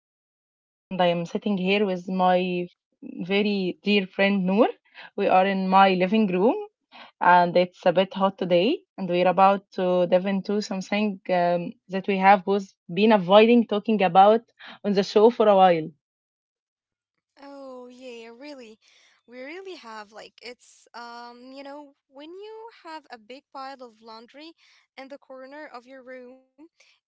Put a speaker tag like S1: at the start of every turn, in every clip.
S1: am Habiba and I am sitting here with my very dear friend Noor. We are in my living room, and it's a bit hot today, and we're about to dive into something that we have both been avoiding talking about on the show for a while.
S2: Oh yeah, really. We really have like it's you know, when you have a big pile of laundry in the corner of your room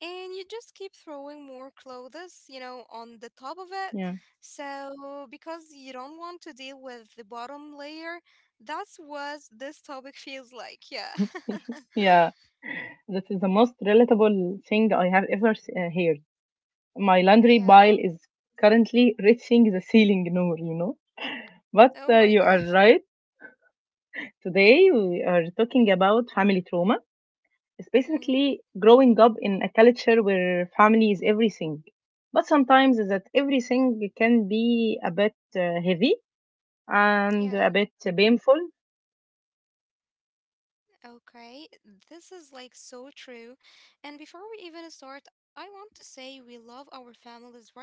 S2: and you just keep throwing more clothes, on the top of it.
S1: Yeah.
S2: So because you don't want to deal with the bottom layer, that's what this topic feels like. Yeah.
S1: Yeah, that is the most relatable thing I have ever heard. My laundry
S2: Yeah.
S1: pile is currently reaching the ceiling, Noor, you know. But
S2: Oh my
S1: you
S2: God.
S1: are right. Today we are talking about family trauma,
S2: Mhm.
S1: specifically growing up in a culture where family is everything. But sometimes that everything can be a bit heavy and
S2: Yeah.
S1: a bit painful.
S2: Okay, this is like so true. And before we even start, I want to say we love our families, right?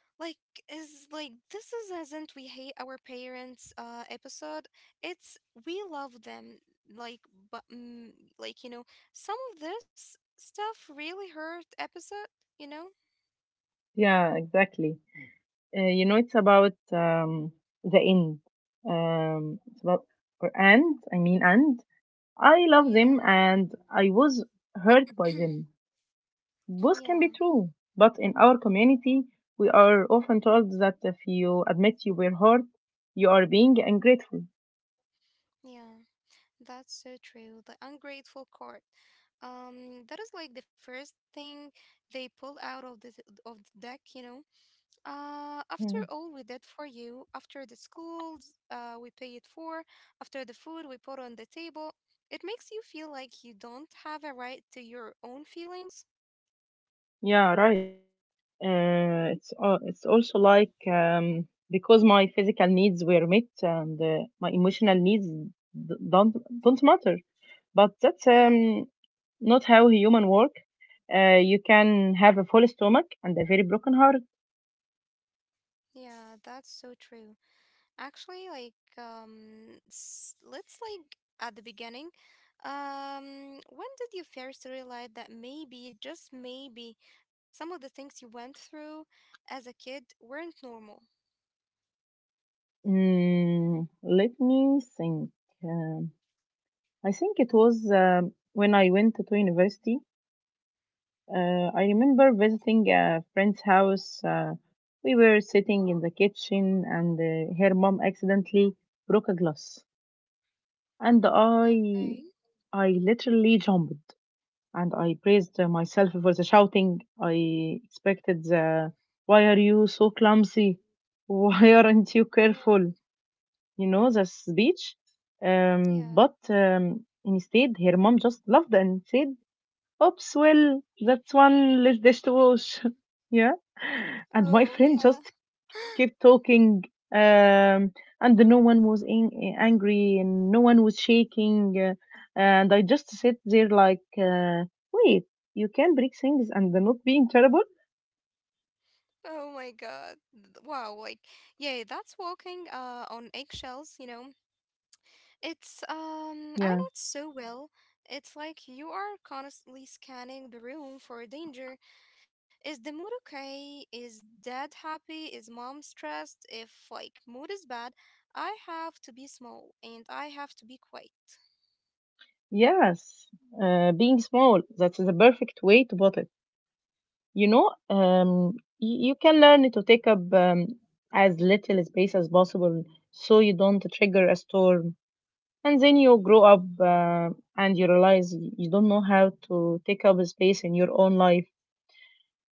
S2: Like is like this is isn't we hate our parents episode. It's we love them like but like you know, some of this stuff really hurt episode, you know?
S1: Yeah, exactly. You know, it's about the end. It's about or and I mean and I love
S2: Yeah.
S1: them and I was hurt by them. Both
S2: Yeah.
S1: can be true, but in our community, we are often told that if you admit you were hurt, you are being ungrateful.
S2: Yeah. That's so true. The ungrateful card. Um, that is like the first thing they pull out of the deck, you know? After
S1: Yeah,
S2: all we did for you, after the schools we pay it for, after the food we put on the table, it makes you feel like you don't have a right to your own feelings.
S1: yeah right. It's it's also like because my physical needs were met and my emotional needs d- don't don't matter. But that's
S2: Yeah,
S1: not how human work. You can have a full stomach and a very broken heart.
S2: yeah, that's so true. Actually, like, let's like at the beginning. When did you first realize that maybe, just maybe, some of the things you went through as a kid weren't normal?
S1: Mm, let me think. Uh, I think it was when I went to university. I remember visiting a friend's house. We were sitting in the kitchen, and her mom accidentally broke a glass, and I
S2: Okay,
S1: I literally jumped and I praised myself for the shouting. I expected the, "Why are you so clumsy? Why aren't you
S2: yeah,
S1: careful?" You know the speech,
S2: yeah.
S1: but instead her mom just laughed and said, "Oops, well, that's one less dish to wash." Yeah. And
S2: Oh,
S1: my friend
S2: yeah.
S1: just kept talking, um, and no one was angry and no one was shaking. And I just sit there like, wait, you can break things and not being terrible?
S2: Oh my God. Wow, like yeah, that's walking on eggshells, you know. It's
S1: Yeah.
S2: I know it so well. It's like you are constantly scanning the room for danger. Is the mood okay? Is dad happy? Is mom stressed? If like mood is bad, I have to be small and I have to be quiet.
S1: Yes. Being small, that's the perfect way to put it. You know, you can learn to take up as little space as possible so you don't trigger a storm. And then you grow up and you realize you don't know how to take up space in your own life.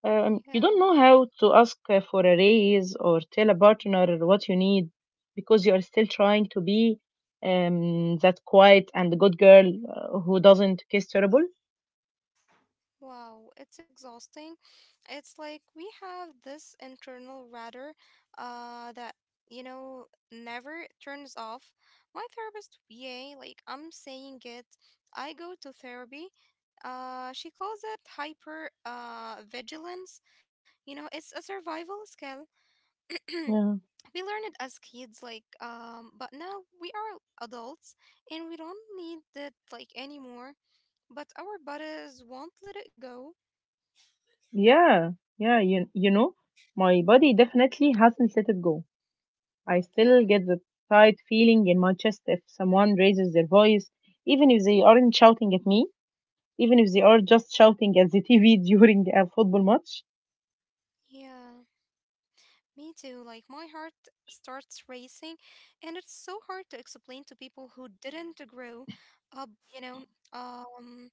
S1: You
S2: Yeah.
S1: don't know how to ask for a raise or tell a partner what you need, because you are still trying to be that quiet and good girl who doesn't kiss terrible.
S2: Wow, it's exhausting. It's like we have this internal radar that you know never turns off. My therapist, yay, like I'm saying it. I go to therapy. She calls it hyper vigilance. You know, it's a survival skill.
S1: Yeah.
S2: We learn it as kids like um, but now we are adults and we don't need it like anymore, but our bodies won't let it go.
S1: Yeah. Yeah. You know, my body definitely hasn't let it go. I still
S2: Yeah.
S1: get the tight feeling in my chest if someone raises their voice, even if they aren't shouting at me, even if they are just shouting at the TV during a football match.
S2: Yeah, me too. Like my heart starts racing, and it's so hard to explain to people who didn't grow up, you know, um,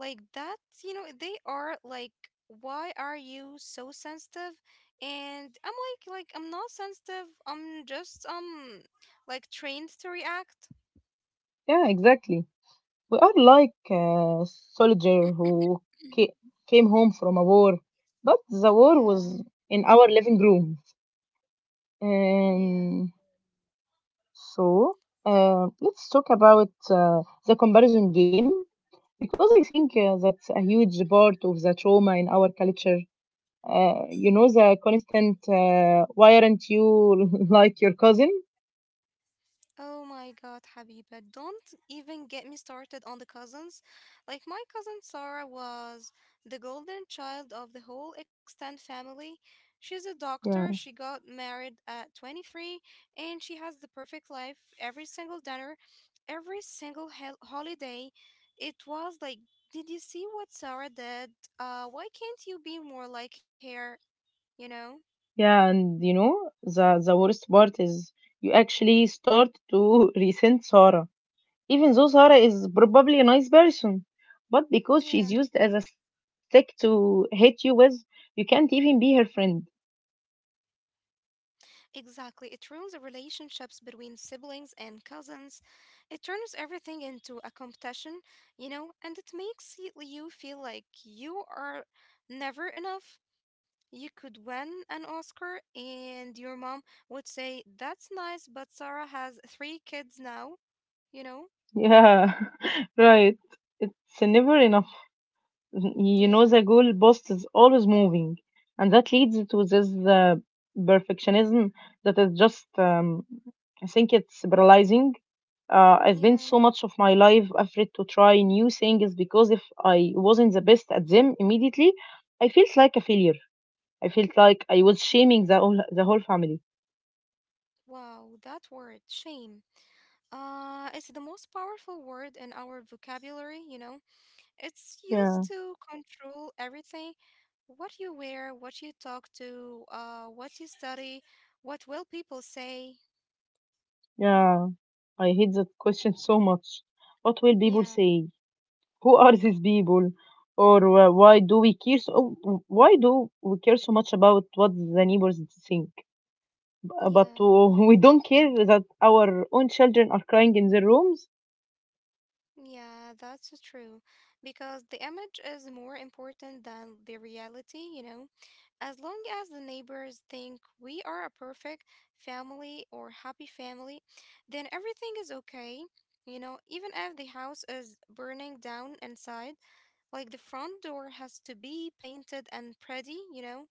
S2: like that, you know, they are like, why are you so sensitive? And I'm like I'm not sensitive. I'm just like trained to react.
S1: Yeah, exactly. We are like a soldier who ca- came home from a war, but the
S2: Yeah,
S1: war was in our living room.
S2: yeah.
S1: Um, so, let's talk about the comparison game, because I think that's a huge part of the trauma in our culture. You know the constant why aren't you like your cousin?
S2: Oh my God, Habiba, don't even get me started on the cousins. Like, my cousin Sarah was the golden child of the whole extended family. She's a doctor, she
S1: Yeah,
S2: got married at 23, and she has the perfect life every single dinner, holiday. It was like, did you see what Sarah did? Why can't you be more like her? You know?
S1: yeah, and you know the worst part is you actually start to resent Sarah, even though Sarah is probably a nice person, but because she's
S2: Yeah.
S1: used as a stick to hit you with, you can't even be her friend.
S2: Exactly. It ruins the relationships between siblings and cousins. It turns everything into a competition, you know, and it makes you feel like you are never enough. You could win an Oscar, and your mom would say, "That's nice, but Sarah has three kids now," you know?
S1: Yeah, right. It's never enough. You
S2: Yeah.
S1: know, the goalpost is always moving, and that leads to this perfectionism that is just, I think it's paralyzing. I spent
S2: Yeah.
S1: so much of my life afraid to try new things because if I wasn't the best at them immediately, I felt like a failure. I felt like I was shaming the whole family.
S2: Wow, that word, shame. It's the most powerful word in our vocabulary, you know? It's
S1: Yeah,
S2: used to control everything. What you wear, what you talk to, what you study, what will people say?
S1: yeah. I hate that question so much. What will people
S2: Yeah,
S1: say? Who are these people? Or why do we care so much about what the neighbors think?
S2: yeah,
S1: But we don't care that our own children are crying in their rooms.
S2: yeah, that's so true. Because the image is more important than the reality, you know? As long as the neighbors think we are a perfect family or happy family, then everything is okay. You know, even if the house is burning down inside, like the front door has to be painted and pretty, you know?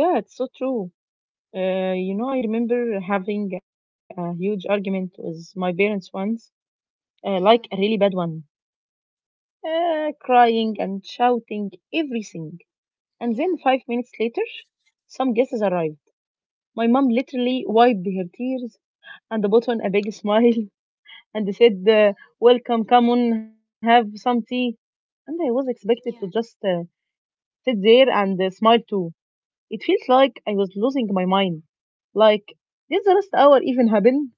S1: Yeah, it's so true. You know, I remember having a huge argument with my parents once, like a really
S2: Yeah,
S1: bad one, crying and shouting everything. And then
S2: yeah,
S1: 5 minutes later, some guests arrive. My mom literally wiped her tears and put on a big smile and said,
S2: yeah,
S1: "Welcome, come on, have some tea." And I was expected to just
S2: yeah.
S1: sit there and smile too. It feels like I was losing my mind. Like, did the last hour even happen?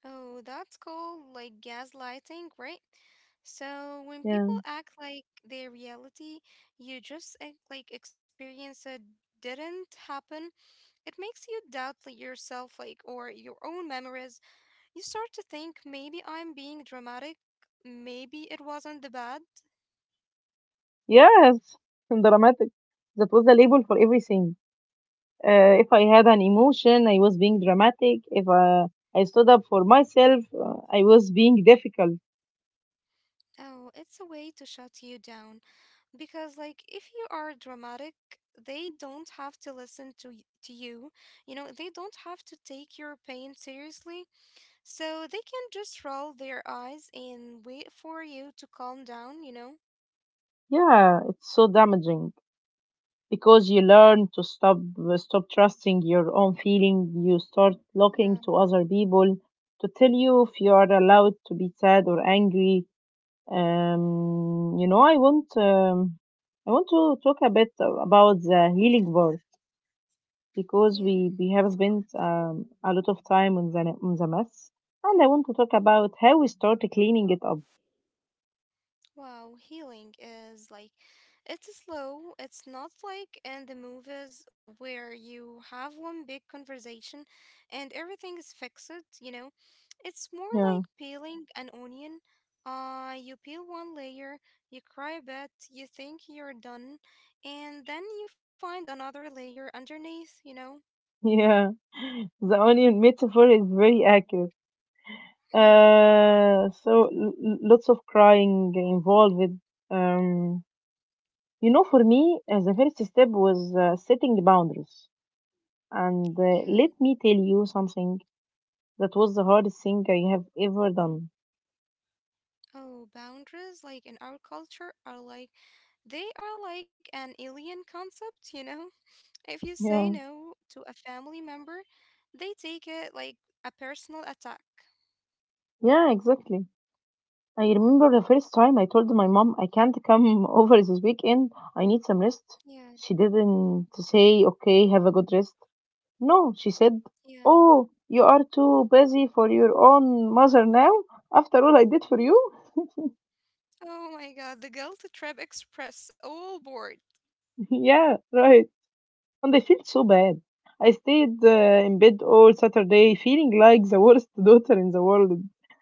S2: Oh, that's called like gaslighting, right? So when people
S1: Yeah.
S2: act like their reality, you just like experience it didn't happen, it makes you doubt like yourself, like, or your own memories. You start to think maybe I'm being dramatic, maybe it wasn't the bad.
S1: Yes, dramatic. That was the label for everything. If I had an emotion, I was being dramatic. If I stood up for myself, I was being difficult.
S2: Oh, it's a way to shut you down, because like if you are dramatic they don't have to listen to to you, you know, they don't have to take your pain seriously, so they can just roll their eyes and wait for you to calm down, you know.
S1: Yeah, it's so damaging, because you learn to stop trusting your own feeling. You start looking
S2: Yeah.
S1: to other people to tell you if you are allowed to be sad or angry. You know, I want to talk a bit about the healing part, because
S2: Yeah.
S1: we have spent a lot of time on the mess, and I want to talk about how we start cleaning it up.
S2: Wow, healing is like, it's slow. It's not like in the movies where you have one big conversation and everything is fixed, you know? It's more
S1: Yeah.
S2: like peeling an onion. You peel one layer, you cry a bit, you think you're done, and then you find another layer underneath, you know?
S1: Yeah, the onion metaphor is very accurate.
S2: Yeah,
S1: So lots of crying involved. Um, you know, for me, the first step was setting boundaries. And
S2: yeah.
S1: let me tell you something, that was the hardest thing I have ever done.
S2: Oh, boundaries, like in our culture, are like they are like an alien concept, you know? If you say
S1: Yeah,
S2: no to a family member, they take it like a personal attack.
S1: yeah, exactly. I remember the first time I told my mom I can't come over this weekend. I need some rest.
S2: Yeah,
S1: She didn't say, "Okay, have a good rest." No, she said,
S2: yeah.
S1: "Oh, you are too busy for your own mother now? After all I did for you?"
S2: Oh my God, the guilt trip express all board.
S1: Yeah, right. And I felt so bad. I stayed in bed all Saturday feeling like the worst daughter in the world.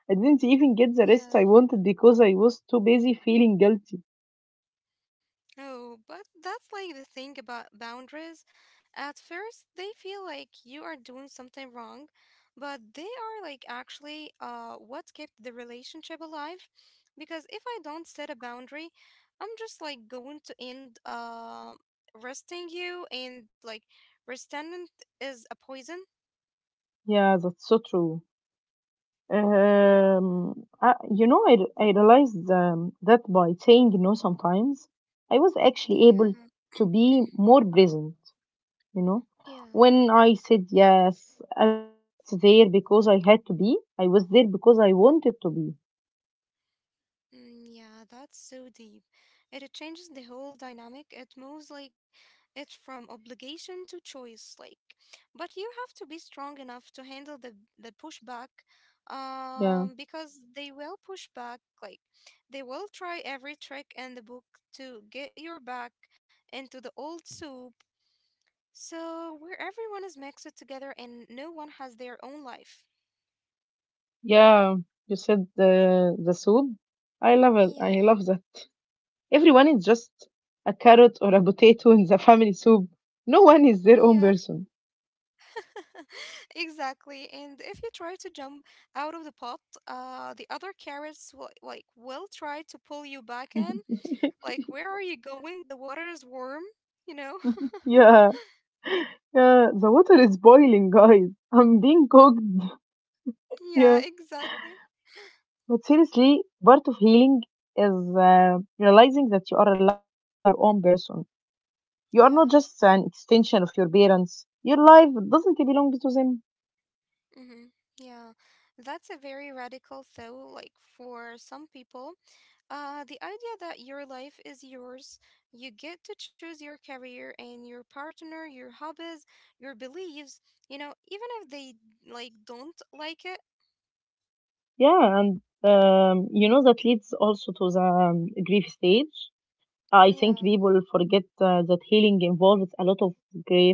S1: I didn't even get the rest
S2: Yeah.
S1: I wanted because I was too busy feeling guilty.
S2: Oh, but that's like the thing about boundaries. At first, they feel like you are doing something wrong, but they are like actually what kept the relationship alive. Because if I don't set a boundary, I'm just like going to end resting you and like resentment is a poison.
S1: Yeah, that's so true. I, you know, I realized that by saying no sometimes, I was actually
S2: Yeah.
S1: able to be more present. You know,
S2: Yeah.
S1: when I said yes, I wasn't just there because I had to be, I was there because I wanted to be.
S2: Mm, yeah, that's so deep. It changes the whole dynamic. It moves like it from obligation to choice, like. But you have to be strong enough to handle the pushback,
S1: Yeah.
S2: because they will push back. Like, they will try every trick in the book to get your back into the old soup. So where everyone is mixed together and no one has their own life.
S1: Yeah, you said the soup, I love it, I
S2: Yeah,
S1: love that. Everyone is just a carrot or a potato in the family soup, no one is their
S2: yeah.
S1: own person.
S2: Exactly. And if you try to jump out of the pot, the other carrots will will try to pull you back in. Like, where are you going? The water is warm, you know?
S1: Yeah. Yeah, the water is boiling, guys, I'm being cooked. Yeah,
S2: Yeah, exactly.
S1: but seriously, part of healing is realizing that you are allowed to be your own person. You are not
S2: Yeah.
S1: just an extension of your parents. Your life doesn't belong to them.
S2: Mm-hmm. Yeah. That's a very radical thought, like for some people. The idea that your life is yours, you get to choose your career and your partner, your hobbies, your beliefs, you know, even if they like don't like it.
S1: Yeah, and you know that leads also to the grief stage. I think
S2: Yeah,
S1: people forget that healing involves a lot of grief.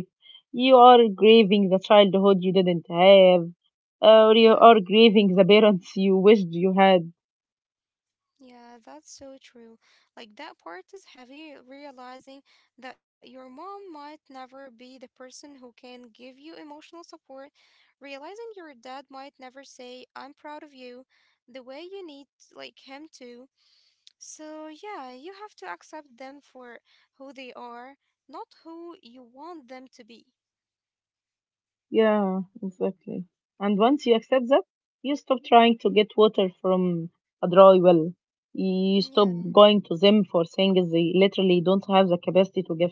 S1: You are grieving the childhood you didn't have, or you
S2: yeah,
S1: are grieving the parents you wished you had.
S2: yeah, that's so true. Like that part is heavy, realizing that your mom might never be the person who can give you emotional support, realizing your dad might never say, "I'm proud of you," the way you need like him to. So, yeah, you have to accept them for who they are, not who you want them to be.
S1: Yeah, exactly. And once you accept that, you stop trying to get water from a dry well. You stop
S2: Yeah,
S1: going to them for things they literally don't have the capacity to give.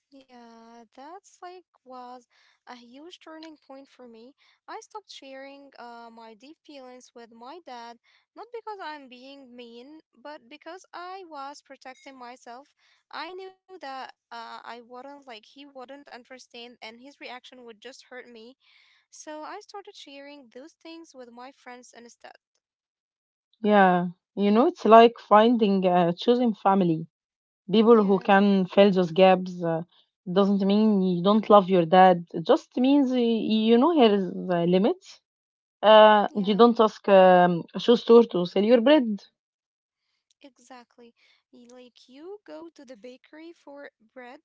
S2: yeah, that's like was a huge turning point for me. I stopped sharing my deep feelings with my dad, not because I'm being mean, but because I was protecting myself. I knew that I wouldn't like he wouldn't understand, and his reaction would just hurt me. So I started sharing those things with my friends instead.
S1: Yeah, you know, it's like finding choosing family, people who
S2: Yeah.
S1: can fill those gaps. Doesn't mean you don't love your dad. It just means you know here is the limit. You
S2: Yeah,
S1: don't ask a shoe store to sell your bread.
S2: exactly. Like you go to the bakery for bread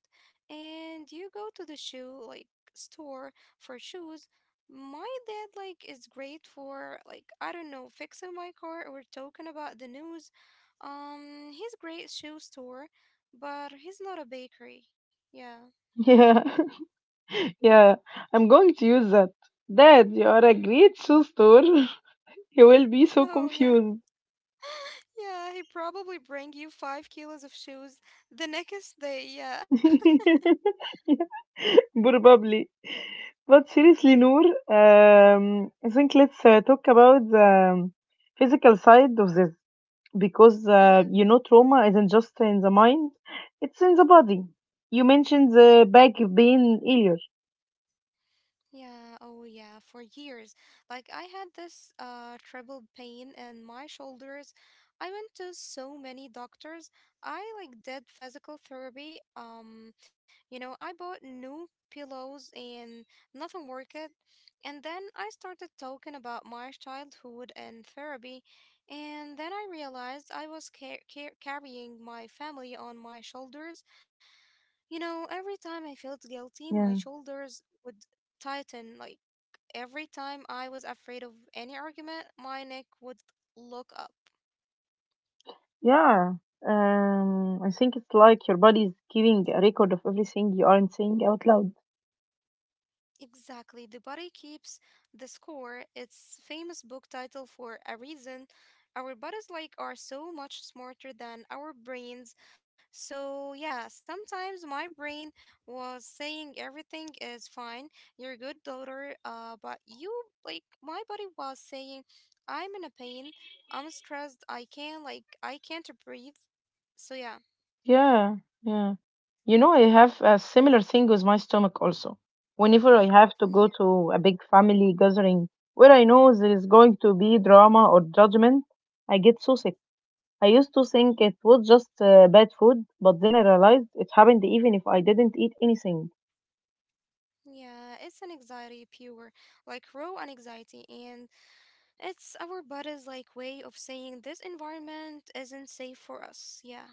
S2: and you go to the shoe like store for shoes. My dad like is great for like I don't know, fixing my car or talking about the news. He's great shoe store, but he's not a bakery. Yeah.
S1: Yeah. Yeah, I'm going to use that. Dad, you are a great shoe store. He will be so
S2: Oh yeah.
S1: confused.
S2: Yeah, he probably bring you 5 kilos of shoes the next day. Yeah.
S1: Probably. But seriously, Noor, I think let's talk about the physical side of this, because you know trauma isn't just in the mind; it's in the body. You mentioned the back pain earlier.
S2: Yeah, oh yeah, for years. Like I had this treble pain in my shoulders. I went to so many doctors. I like did physical therapy. You know, I bought new pillows and nothing worked. And then I started talking about my childhood and therapy, and then I realized I was carrying my family on my shoulders. You know, every time I felt guilty, my
S1: Yeah.
S2: shoulders would tighten like every time I was afraid of any argument, my neck would look up.
S1: Yeah, I think it's like your body is keeping a record of everything you aren't saying out loud.
S2: Exactly. The body keeps the score. It's famous book title for a reason. Our bodies like are so much smarter than our brains. So yeah, sometimes my brain was saying everything is fine. You're a good daughter, but you like my body was saying I'm in a pain. I'm stressed. I can't breathe. So yeah.
S1: Yeah, yeah. You know, I have a similar thing with my stomach also. Whenever I have
S2: Yeah.
S1: to go to a big family gathering where I know there is going to be drama or judgment, I get so sick. I used to think it was just bad food, but then I realized it happened even if I didn't eat anything.
S2: Yeah, it's an anxiety pure, like raw anxiety, and it's our body's like way of saying this environment isn't safe for us. Yeah.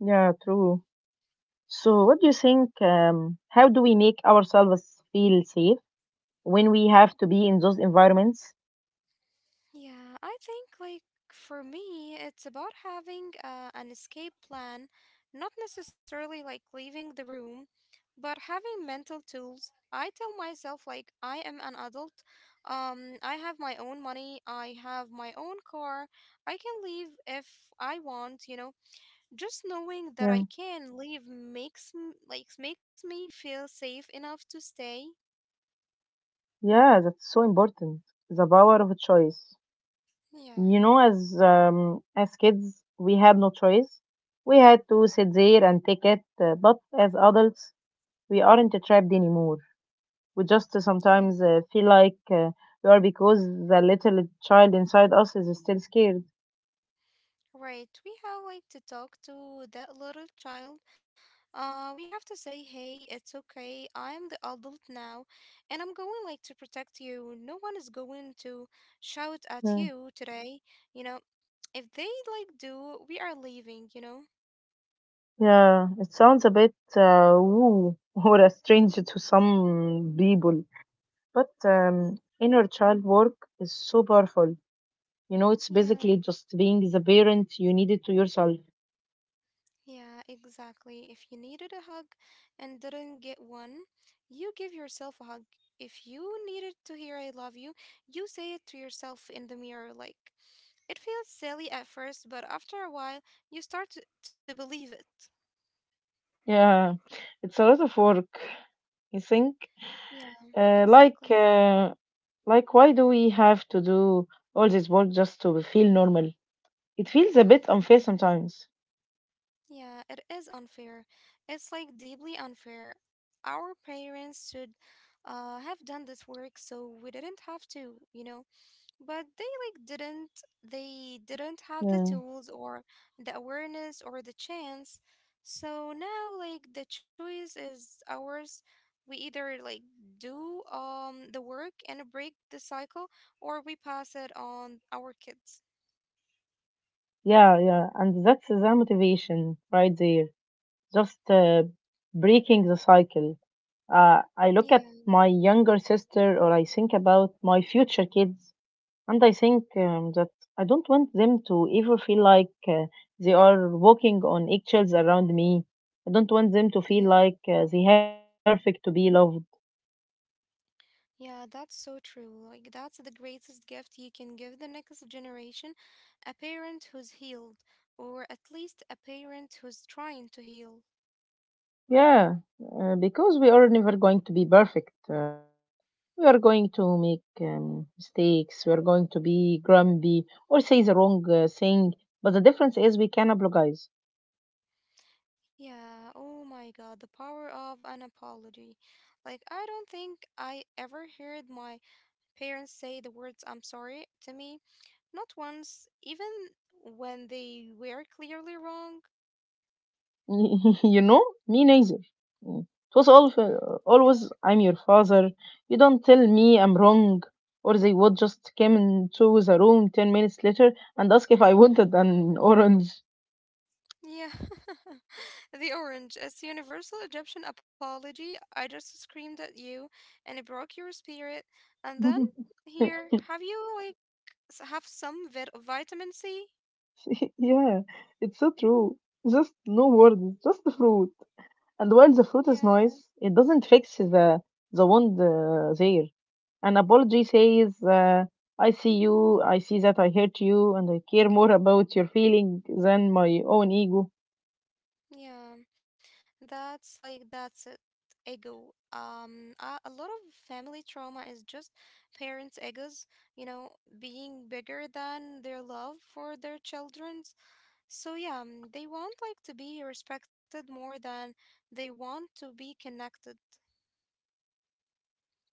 S1: Yeah, true. So, what do you think? How do we make ourselves feel safe when we have to be in those environments?
S2: Yeah, I think like for me, it's about having an escape plan, not necessarily like leaving the room, but having mental tools. I tell myself like I am an adult. I have my own money, I have my own car. I can leave if I want, you know. Just knowing
S1: Yeah,
S2: that I can leave makes makes me feel safe enough to stay.
S1: yeah, that's so important. The power of choice.
S2: Yeah.
S1: You know, as kids, we had no choice. We had to sit there and take it. Uh, but as adults, we aren't trapped anymore. We just
S2: Yeah.
S1: sometimes feel like we are, because the little child inside us is still scared.
S2: Right. We have like to talk to that little child. Uh, we have to say, "Hey, it's okay. I'm the adult now, and I'm going like to protect you. No one is going to shout at
S1: Yeah,
S2: you today." You know, if they like do, we are leaving, you know.
S1: yeah, it sounds a bit woo or a stranger to some people. But inner child work is so powerful. It's
S2: Yeah.
S1: basically just being the parent you needed to yourself.
S2: Yeah, exactly. If you needed a hug and didn't get one, you give yourself a hug. If you needed to hear I love you, you say it to yourself in the mirror. Like, it feels silly at first, but after a while, you start to believe it.
S1: Yeah, it's a lot of work. You think,
S2: Yeah,
S1: uh, like,
S2: exactly.
S1: uh, like, why do we have to do all this work just to feel normal? It feels a bit unfair sometimes.
S2: Yeah, it is unfair. It's like deeply unfair. Our parents should have done this work so we didn't have to, you know? But they didn't
S1: Yeah,
S2: have the tools or the awareness or the chance, so now like the choice is ours. We either like do the work and break the cycle, or we pass it on our kids.
S1: yeah, yeah, and that's the motivation right there. Just breaking the cycle. I look at
S2: Yeah,
S1: my younger sister, or I think about my future kids. And I think that I don't want them to ever feel like they are walking on eggshells around me. I don't want them to
S2: yeah,
S1: feel like they have to be perfect to be loved.
S2: yeah, that's so true. Like, that's the greatest gift you can give the next generation: a parent who's healed, or at least a parent who's trying to heal.
S1: Yeah, because we are never going to be perfect, right? We are going to make mistakes. We are going to be grumpy or say the wrong thing. But the difference is we can apologize.
S2: Yeah, oh my God, the power of an apology. Like, I don't think I ever heard my parents say the words I'm sorry to me. Not once, even when they were clearly wrong.
S1: Me neither. Mm. It was all,
S2: Yeah.
S1: always, "I'm your father. You don't tell me I'm wrong." Or they would just come into the room 10 minutes later and ask if I wanted an orange.
S2: Yeah. The orange. It's universal Egyptian apology. I just screamed at you and it broke your spirit. And then here, have you like have some vitamin C?
S1: Yeah, it's so true. Just no words, just the fruit. And while the fruit is
S2: Yeah.
S1: nice, it doesn't fix the wound there. An apology says, "I see you, I see that I hurt you, and I care more about your feeling than my own ego."
S2: Yeah. That's like that's it. Ego. A lot of family trauma is just parents' egos, you know, being bigger than their love for their children's. So yeah, they want like to be respected more than they want to be connected.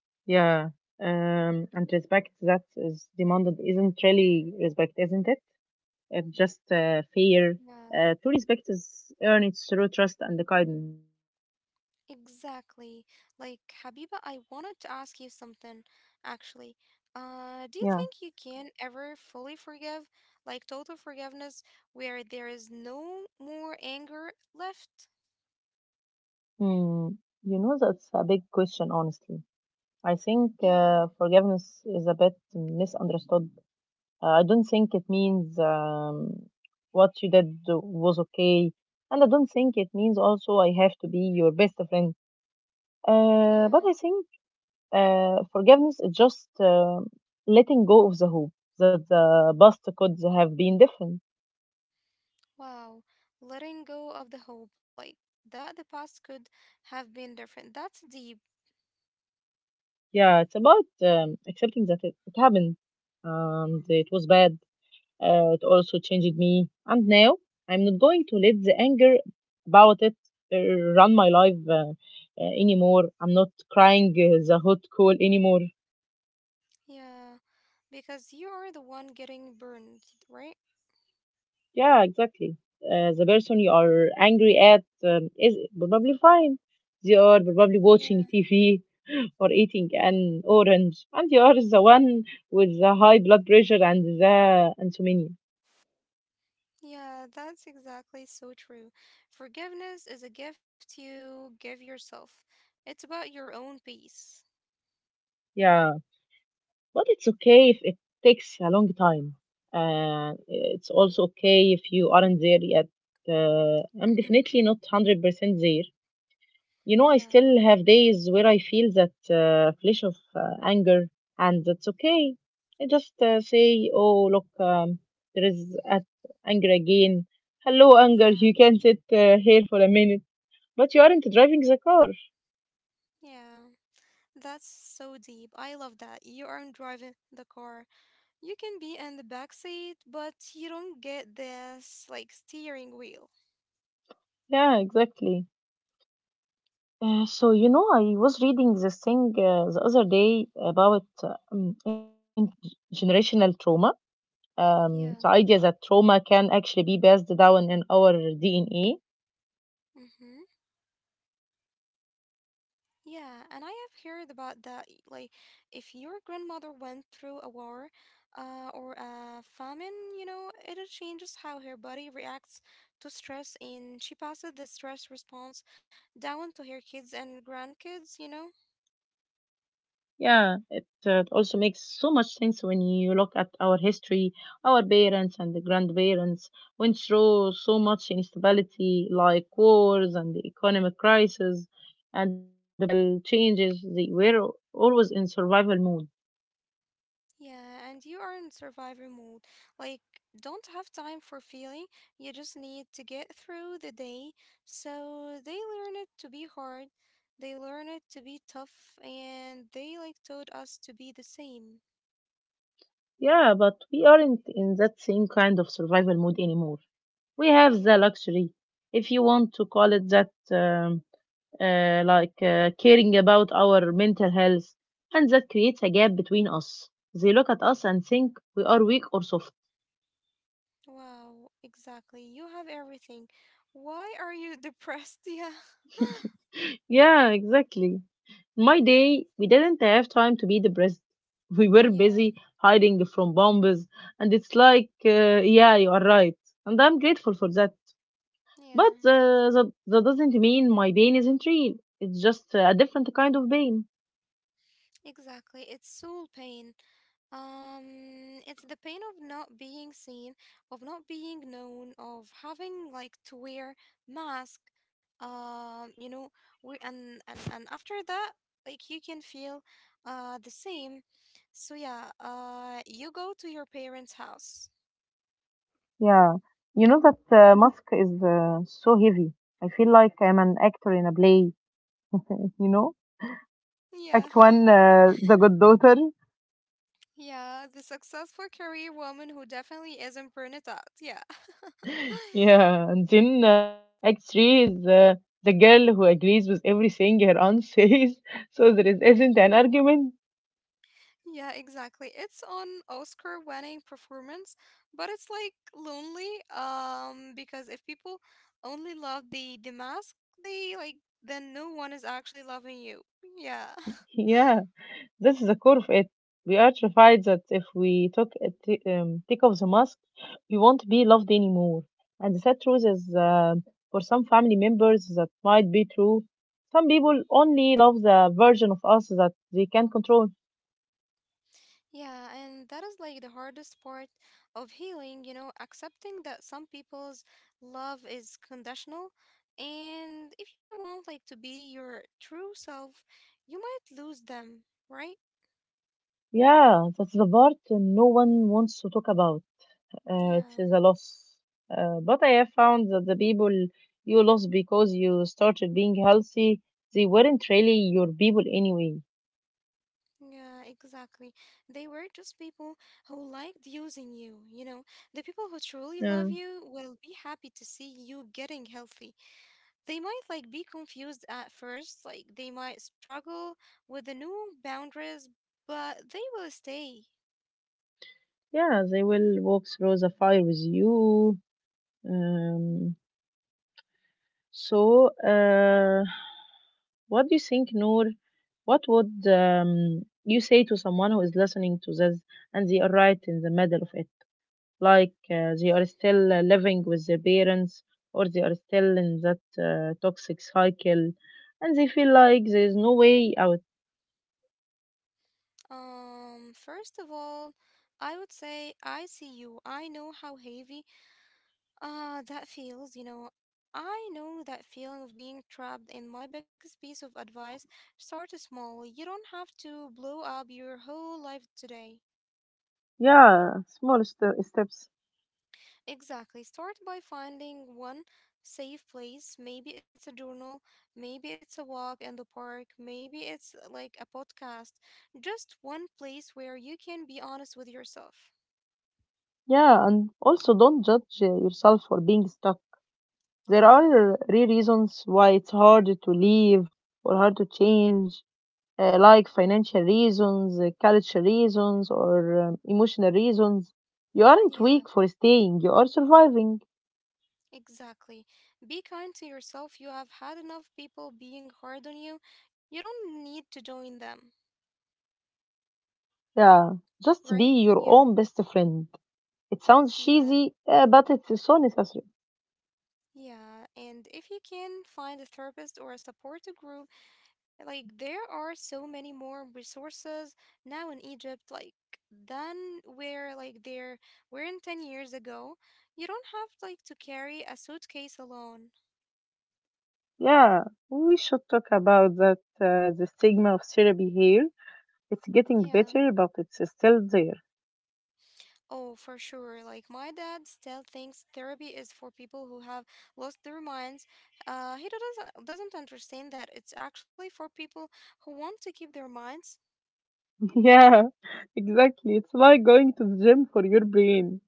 S1: Yeah. And respect that is demanded isn't really respect, isn't it? It's just fear.
S2: Yeah.
S1: True respect is earned through trust and kindness.
S2: Exactly. Like, Habiba, I wanted to ask you something actually. Do you
S1: Yeah.
S2: think you can ever fully forgive, like total forgiveness, where there is no more anger left?
S1: Hmm. That's a big question, honestly. I think
S2: Yeah,
S1: forgiveness is a bit misunderstood. I don't think it means what you did was okay, and I don't think it means also I have to be your best friend. Uh,
S2: yeah.
S1: but I think forgiveness is just letting go of the hope that the past could have been different.
S2: Wow. Letting go of the hope, like that the past could have been different. That's deep.
S1: Yeah, it's about accepting that it happened and it was bad. It also changed me. And now I'm not going to let the anger about it uh, run my life anymore. I'm not crying the hot coal anymore.
S2: Yeah, because you are the one getting burned, right?
S1: Yeah, exactly. The person you are angry at is probably fine. They are probably
S2: Yeah.
S1: watching TV or eating an orange, and you are the one with the high blood pressure and the insomnia.
S2: Yeah, that's exactly so true. Forgiveness is a gift you give yourself. It's about your own peace.
S1: Yeah, but it's okay if it takes a long time. It's also okay if you aren't there yet. I'm
S2: Hmm.
S1: definitely not 100% there. I
S2: Yeah,
S1: still have days where I feel that flash of anger, and that's okay. I just say, "Oh, look, there is at anger again. Hello, anger, you
S2: yeah,
S1: can sit here for a minute. But you aren't driving the car."
S2: yeah. That's so deep. I love that. You aren't driving the car. You can be in the back seat, but you don't get this like steering wheel.
S1: Yeah, exactly. So I was reading this thing the other day about intergenerational trauma. Um,
S2: Yeah.
S1: the idea that trauma can actually be passed down in our DNA.
S2: Mm-hmm. Yeah, and I have heard about that. Like, if your grandmother went through a war, or a famine, you know, it changes how her body reacts to stress, and she passes the stress response down to her kids and grandkids, you know?
S1: Yeah, it also makes so much sense when you look at our history. Our parents and the grandparents went through so much instability, like wars and the economic crisis and the political changes. They were always in survival mode.
S2: Yeah, and you are in survivor mode. Like, don't have time for feeling. You just need to get through the day. So they learn it to be hard. They learn it to be tough, and they like taught us to be the same.
S1: Yeah, but we aren't in that same kind of survival mode anymore. We have the
S2: Yeah.
S1: luxury, if you want to call it that, like caring about our mental health, and that creates a gap between us. They look at us and think we are weak or soft.
S2: Wow. Exactly. You have everything. Why are you depressed? Yeah.
S1: Yeah, exactly. In my day, we didn't have time to be depressed. We were
S2: Yeah.
S1: busy hiding from bombs, and it's like, yeah, you are right. And I'm grateful for that. But
S2: Yeah.
S1: uh, that doesn't mean my pain isn't real. It's just a different kind of pain.
S2: Exactly. It's soul pain. It's the pain of not being seen, of not being known, of having like to wear mask. You know, we and after that, like you can feel the same. So yeah, you go to your parents' house.
S1: Yeah, you know that mask is so heavy. I feel like I'm an actor in a play. you know,
S2: Yeah,
S1: Act One, the good daughter.
S2: yeah, the successful career woman who definitely isn't burned out. Yeah,
S1: Yeah, and then Act Three is the girl who agrees with everything her aunt says, so there isn't
S2: yeah.
S1: an argument.
S2: Yeah, exactly. It's an Oscar-winning performance, but it's like lonely. Because if people only love the mask, they like then no one is actually loving you. Yeah.
S1: Yeah. This is the core of it. We are terrified that if we take off the mask, we won't be loved anymore. And the sad truth is, for some family members, that might be true. Some people only love the version of us that they can control.
S2: Yeah, and that is like the hardest part of healing, you know, accepting that some people's love is conditional. And if you want like to be your true self, you might lose them, right?
S1: Yeah, that's the part no one wants to talk about. It
S2: Yeah.
S1: is a loss. But I have found that the people you lost because you started being healthy, they weren't really your people anyway.
S2: Yeah, exactly. They were just people who liked using you, you know. The people who truly
S1: Yeah.
S2: love you will be happy to see you getting healthy. They might like be confused at first, like they might struggle with the new boundaries, but they will stay.
S1: Yeah, they will walk through the fire with you. Um, so, what do you think, Noor? What would you say to someone who is listening to this and they are right in the middle of it? Like they are still living with their parents, or they are still in that toxic cycle, and they feel like there is no way out.
S2: First of all, I would say I see you. I know how heavy Ah, that feels, you know, I know that feeling of being trapped, and my biggest piece of advice start small. You don't have to blow up your whole life today.
S1: Yeah, small steps.
S2: Exactly. Start by finding one safe place. Maybe it's a journal, maybe it's a walk in the park, maybe it's like a podcast. Just one place where you can be honest with yourself.
S1: Yeah, and also don't judge yourself for being stuck. There
S2: Yeah,
S1: are real reasons why it's hard to leave or hard to change, like financial reasons, cultural reasons, or emotional reasons. You aren't
S2: yeah.
S1: weak for staying, you are surviving.
S2: Exactly. Be kind to yourself. You have had enough people being hard on you. You don't need to join them,
S1: Yeah,
S2: right?
S1: just be
S2: Yeah,
S1: your own best friend. It sounds
S2: yeah,
S1: cheesy, but it's so necessary.
S2: yeah. And if you can find a therapist or a support group, like there are so many more resources now in Egypt, like than where like there were in 10 years ago. You don't have like to carry a suitcase alone.
S1: Yeah, we should talk about that, the stigma of therapy here. It's getting
S2: Yeah.
S1: better, but it's still there.
S2: Oh, for sure. Like my dad still thinks therapy is for people who have lost their minds. He doesn't understand that it's actually for people who want to keep their minds.
S1: Yeah, exactly. It's like going to the gym for your brain.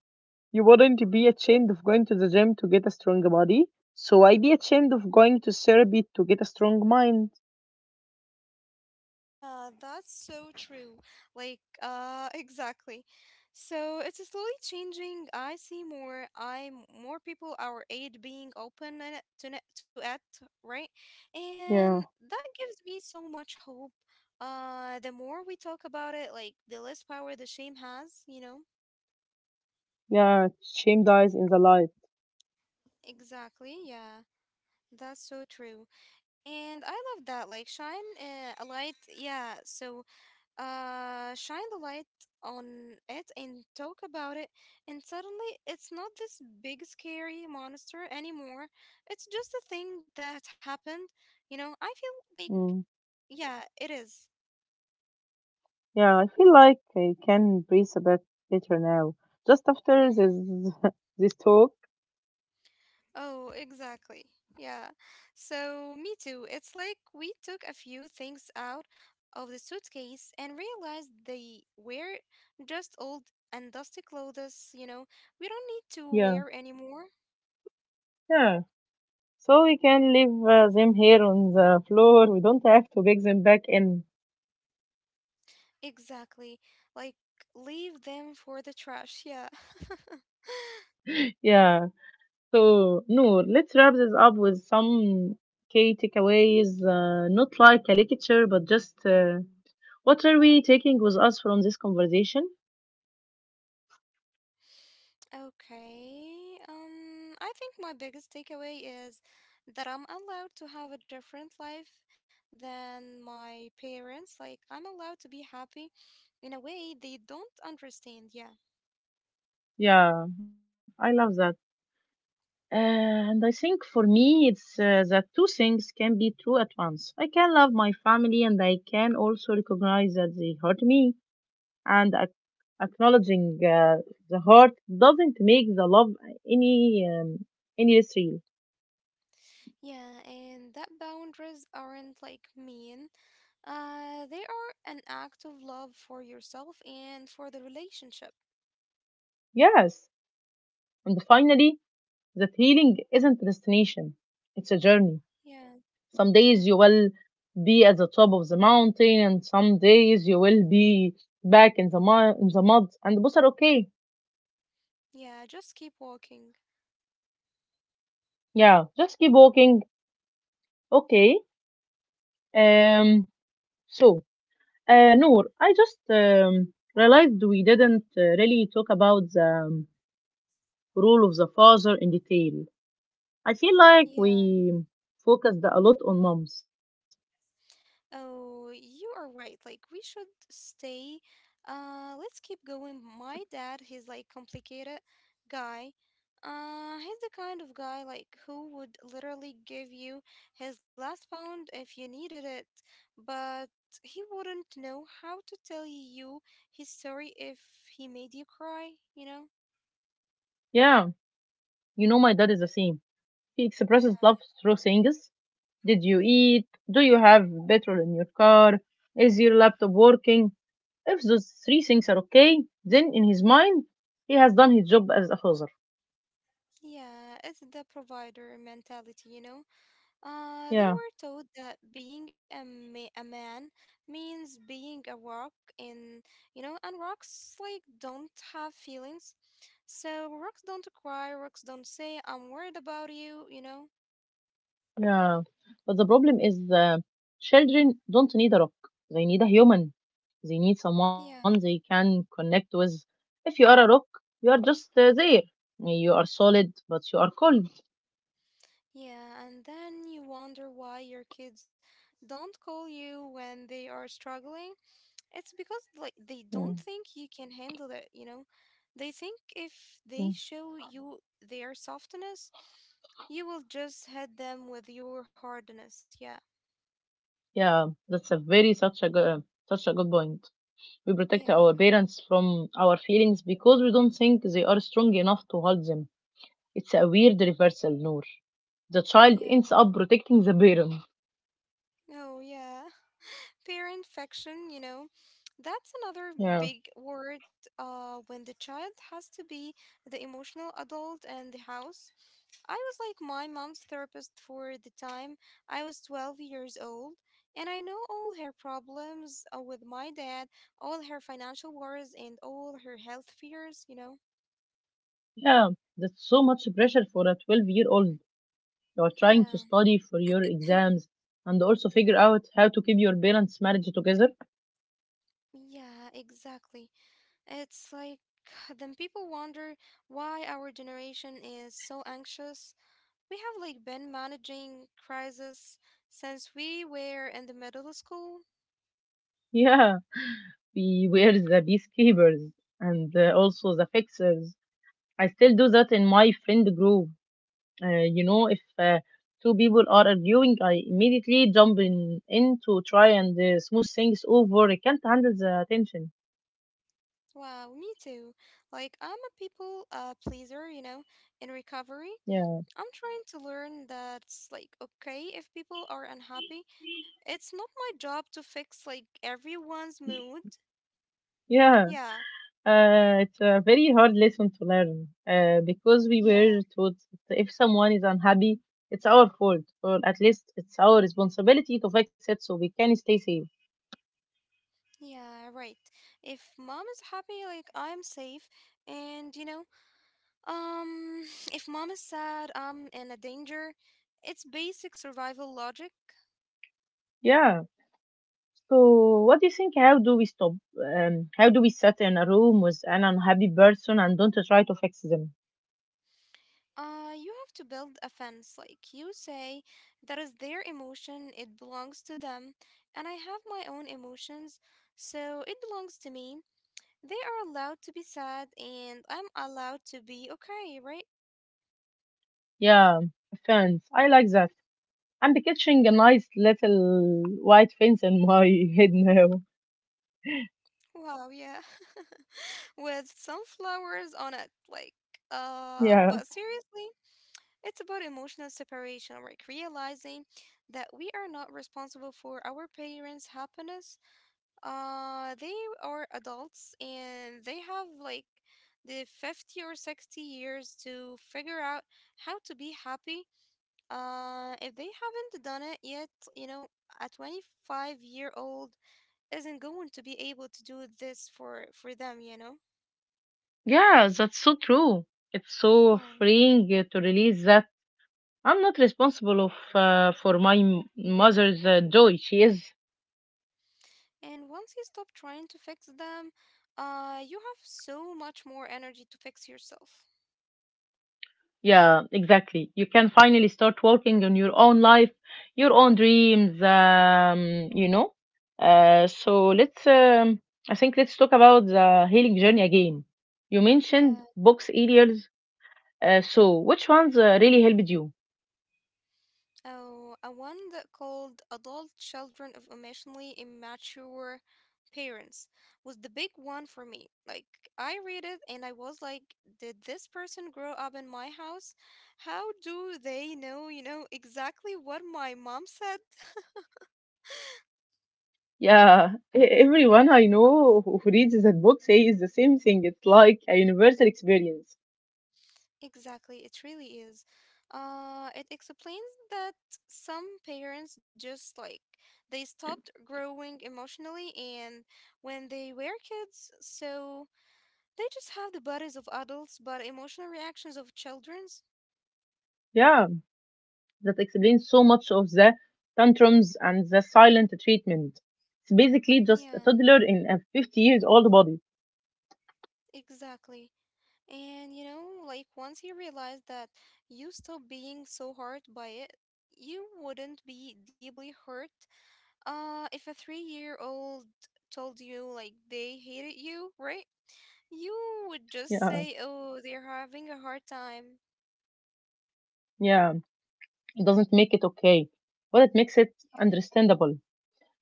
S1: You wouldn't be ashamed of going to the gym to get a strong body, so I'd be ashamed of going to therapy to get a strong mind.
S2: Yeah, that's so true. Like, exactly. So it's slowly changing. I see more people our age being open and to it, right? And
S1: Yeah,
S2: that gives me so much hope. The more we talk about it, like the less power the shame has, you know?
S1: yeah, shame dies in the light.
S2: Exactly. Yeah, that's so true. And I love that. Like, shine a light. Yeah. So shine the light on it and talk about it. And suddenly, it's not this big, scary monster anymore. It's just a thing that happened. You know, I feel like,
S1: Mm.
S2: yeah, it is.
S1: Yeah, I feel like I can breathe a bit better now, just after
S2: Mhm.
S1: this this talk.
S2: Oh, exactly. Yeah. So, me too. It's like we took a few things out of the suitcase and realized they were just old and dusty clothes, you know, we don't need to
S1: Yeah,
S2: wear anymore.
S1: yeah. So we can leave them here on the floor. We don't have to beg them back in.
S2: Exactly. Like, leave them for the trash. Yeah.
S1: Yeah. So, Noor, let's wrap this up with some key takeaways, not like a lecture, but just what are we taking with us from this conversation?
S2: Okay. I think my biggest takeaway is that I'm allowed to have a different life than my parents. Like, I'm allowed to be happy in a way they don't understand. Yeah.
S1: Yeah, I love that. And I think for me, it's that two things can be true at once. I can love my family and I can also recognize that they hurt me. And acknowledging the hurt doesn't make the love any, um, any less real.
S2: Yeah, and that boundaries aren't like mean. They are an act of love for yourself and for the relationship.
S1: Yes. And finally, that healing isn't a destination, it's a journey.
S2: Yeah.
S1: Some days you will be at the top of the mountain, and some days you will be back in the mud, and both are okay.
S2: Yeah, just keep walking.
S1: Yeah, just keep walking. Okay. Um. So, Noor, I just realized we didn't really talk about the role of the father in detail. I feel like
S2: Yeah.
S1: we focused a lot on moms.
S2: Oh, you are right. Like we should stay. Let's keep going. My dad, he's like complicated guy. He's the kind of guy like who would literally give you his last pound if you needed it, but he wouldn't know how to tell you his story if he made you cry, you know?
S1: Yeah, you know my dad is the same. He
S2: Yeah.
S1: expresses love through things. "Did you eat? Do you have petrol in your car? Is your laptop working?" If those three things are okay, then in his mind, he has done his job as a father.
S2: Yeah, it's the provider mentality, you know? They
S1: Yeah,
S2: were taught that being a, a man means being a rock, and you know, and rocks like don't have feelings. So rocks don't cry, rocks don't say, I'm worried about you, you know?
S1: yeah. But the problem is the children don't need a rock. They need a human. They need someone
S2: Yeah,
S1: they can connect with. If you are a rock, you are just there. You are solid, but you are cold.
S2: yeah, and then you wonder why your kids don't call you when they are struggling. It's because like they don't
S1: Yeah,
S2: think you can handle it, you know? They think if they
S1: yeah.
S2: show you their softness, you will just hit them with your hardness. Yeah.
S1: Yeah, that's a very such a good point. We
S2: Yeah.
S1: protect our parents from our feelings because we don't think they are strong enough to hold them. It's a weird reversal, Noor. The child ends
S2: Yeah.
S1: up protecting the parent.
S2: Oh, yeah. Parent fiction, you know. That's another
S1: Yeah,
S2: big word when the child has to be the emotional adult in the house. I was like my mom's therapist for the time I was 12 years old, and I know all her problems with my dad, all her financial worries, and all her health fears, you know?
S1: yeah, that's so much pressure for a 12-year-old. You are trying to
S2: Yeah,
S1: study for your exams and also figure out how to keep your parents' marriage together.
S2: yeah, exactly. It's like then people wonder why our generation is so anxious. We have like been managing crisis since we were in the middle school.
S1: Yeah, we were the peacekeepers and also the fixers. I still do that in my friend group. If two people are arguing, I immediately jump in to try and smooth things over. I can't handle the tension.
S2: Wow, me too. Like, I'm a people pleaser, you know, in recovery.
S1: Yeah,
S2: I'm trying to learn that like okay if people are unhappy. It's not my job to fix like everyone's mood.
S1: yeah.
S2: Yeah,
S1: It's a very hard lesson to learn because we
S2: yeah,
S1: were taught that if someone is unhappy, it's our fault, or at least it's our responsibility to fix it so we can stay safe.
S2: yeah, right. If mom is happy, like I'm safe. And you know, um, if mom is sad, I'm in a danger. It's basic survival logic.
S1: Yeah. So, what do you think? How do we stop? How do we sit in a room with an unhappy person and don't try to fix them?
S2: You have to build a fence, like you say, that is their emotion, it belongs to them, and I have my own emotions, so it belongs to me. They are allowed to be sad, and I'm allowed to be okay, right?
S1: Yeah, fence. I like that. I'm picturing a nice little white fence in my head now.
S2: Wow, yeah. With sunflowers on it, like,
S1: Yeah.
S2: but seriously, it's about emotional separation, like realizing that we are not responsible for our parents' happiness. They are adults and they have like the 50 or 60 years to figure out how to be happy. If they haven't done it yet, you know, a 25-year-old isn't going to be able to do this for them, you know?
S1: Yeah, that's so true. It's so
S2: Yeah.
S1: freeing to release that. I'm not responsible of for my mother's joy. She is.
S2: And once you stop trying to fix them, you have so much more energy to fix yourself.
S1: Yeah, exactly. You can finally start working on your own life, your own dreams. You know. So let's. I think let's talk about the healing journey again. You mentioned
S2: Yeah.
S1: books earlier. So, which ones really helped you?
S2: Oh, a one that called Adult Children of Emotionally Immature Parents was the big one for me. Like, I read it and I was like, did this person grow up in my house? How do they know, you know, exactly what my mom said?
S1: Yeah, everyone I know who reads that book says the same thing. It's like a universal experience.
S2: Exactly, it really is. It explains that some parents just like they stopped growing emotionally and when they were kids, so. They just have the bodies of adults, but emotional reactions of children's.
S1: Yeah, that explains so much of the tantrums and the silent treatment. It's basically
S2: Yeah,
S1: just a toddler in a 50 years old body.
S2: exactly. And you know, like once you realize that you stop being so hurt by it, you wouldn't be deeply hurt. If a three-year-old told you like they hated you, right? You would
S1: Yeah,
S2: just say, "Oh, they're having a hard time."
S1: yeah, it doesn't make it okay, but it makes it understandable.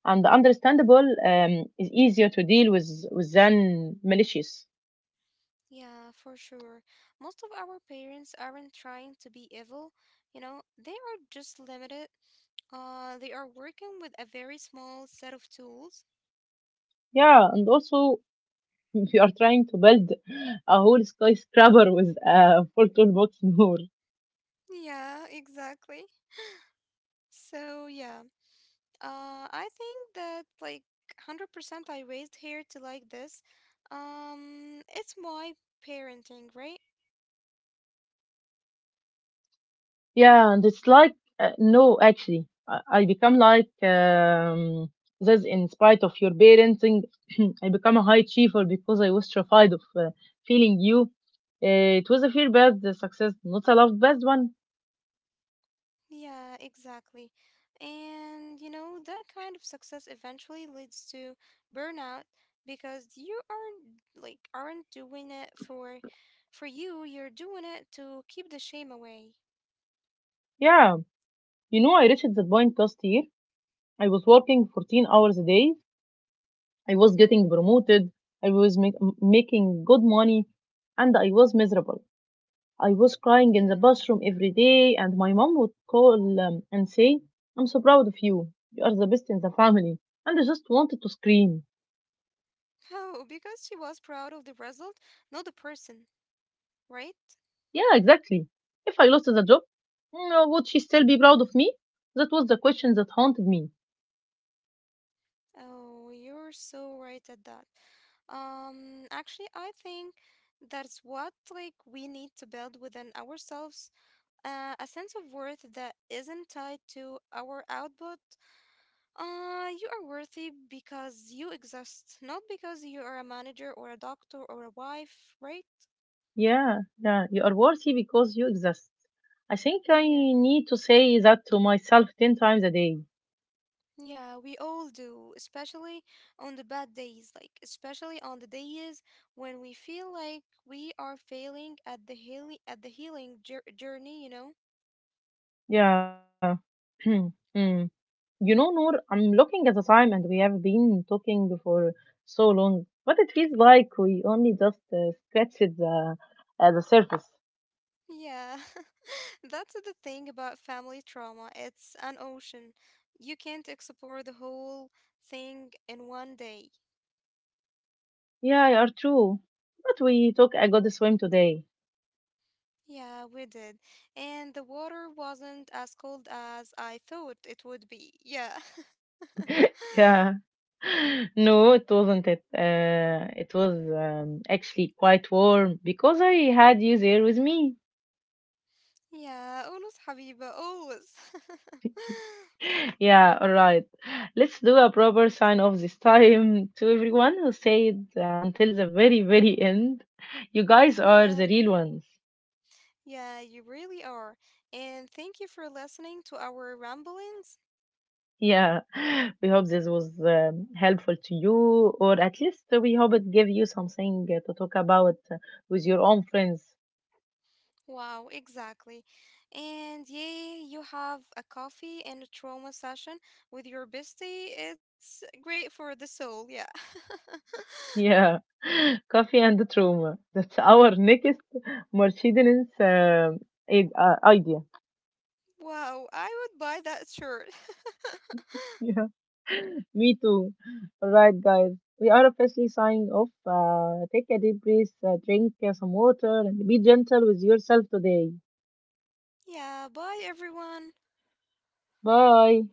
S1: And understandable is easier to deal with than malicious.
S2: Yeah, for sure. Most of our parents aren't trying to be evil, you know, they are just limited. They are working with a very small set of tools.
S1: Yeah, and also if you are trying to build a whole skyscraper with a full toolbox more.
S2: Yeah, exactly. So yeah, I think that like 100% I raised here to like this. It's my parenting, right?
S1: Yeah, and it's like, no, actually, I become like this in spite of your parenting. I become a high achiever because I was terrified of feeling you. It was a fear based success, not a love based one.
S2: Yeah, exactly. And you know, that kind of success eventually leads to burnout because you aren't doing it for you, you're doing it to keep the shame away.
S1: Yeah, I reached the point last year. I was working 14 hours a day. I was
S2: Hmm.
S1: getting promoted. I was making good money and I was miserable. I was crying in the bathroom every day, and my mom would call and say, "I'm so proud of you. You are the best in the family." And I just wanted to scream.
S2: Oh, because she was proud of the result, not the person, right?
S1: Yeah, exactly. If I lost the job, would she still be proud of me? That was the question that haunted me.
S2: Oh, you're so right at that. Actually, I think that's what like we need to build within ourselves a sense of worth that isn't tied to our output. You are worthy because you exist, not because you are a manager or a doctor or a wife, right?
S1: Yeah, yeah, you are worthy because you exist. I think I
S2: Yeah.
S1: need to say that to myself 10 times a day.
S2: Yeah, we all do, especially on the bad days, like especially on the days when we feel like we are failing at the healing journey, you know?
S1: Yeah. Hmm. Noor, I'm looking at the time and we have been talking for so long, but it feels like we only just scratched the surface.
S2: Yeah. That's the thing about family trauma. It's an ocean. You can't explore the whole thing in one day.
S1: Yeah, you're true. But we took a good swim today.
S2: Yeah, we did. And the water wasn't as cold as I thought it would be. Yeah.
S1: Yeah, no, it wasn't it. It was actually quite warm because I had you there with me.
S2: Yeah, always حبيبة always.
S1: Yeah, all right. Let's do a proper sign off this time to everyone who stayed until the very, very end. You guys are
S2: Yeah,
S1: the real ones.
S2: yeah, you really are. And thank you for listening to our ramblings.
S1: Yeah, we hope this was helpful to you, or at least we hope it gave you something to talk about with your own friends.
S2: Wow, exactly. And yay, you have a coffee and a trauma session with your bestie. It's great for the soul, yeah.
S1: Yeah, coffee and trauma. That's our next Mercedes idea.
S2: Wow, I would buy that shirt.
S1: Yeah, me too. All right, guys, we are officially signing off. Take a deep breath, drink some water, and be gentle with yourself today.
S2: Yeah, bye everyone.
S1: Bye.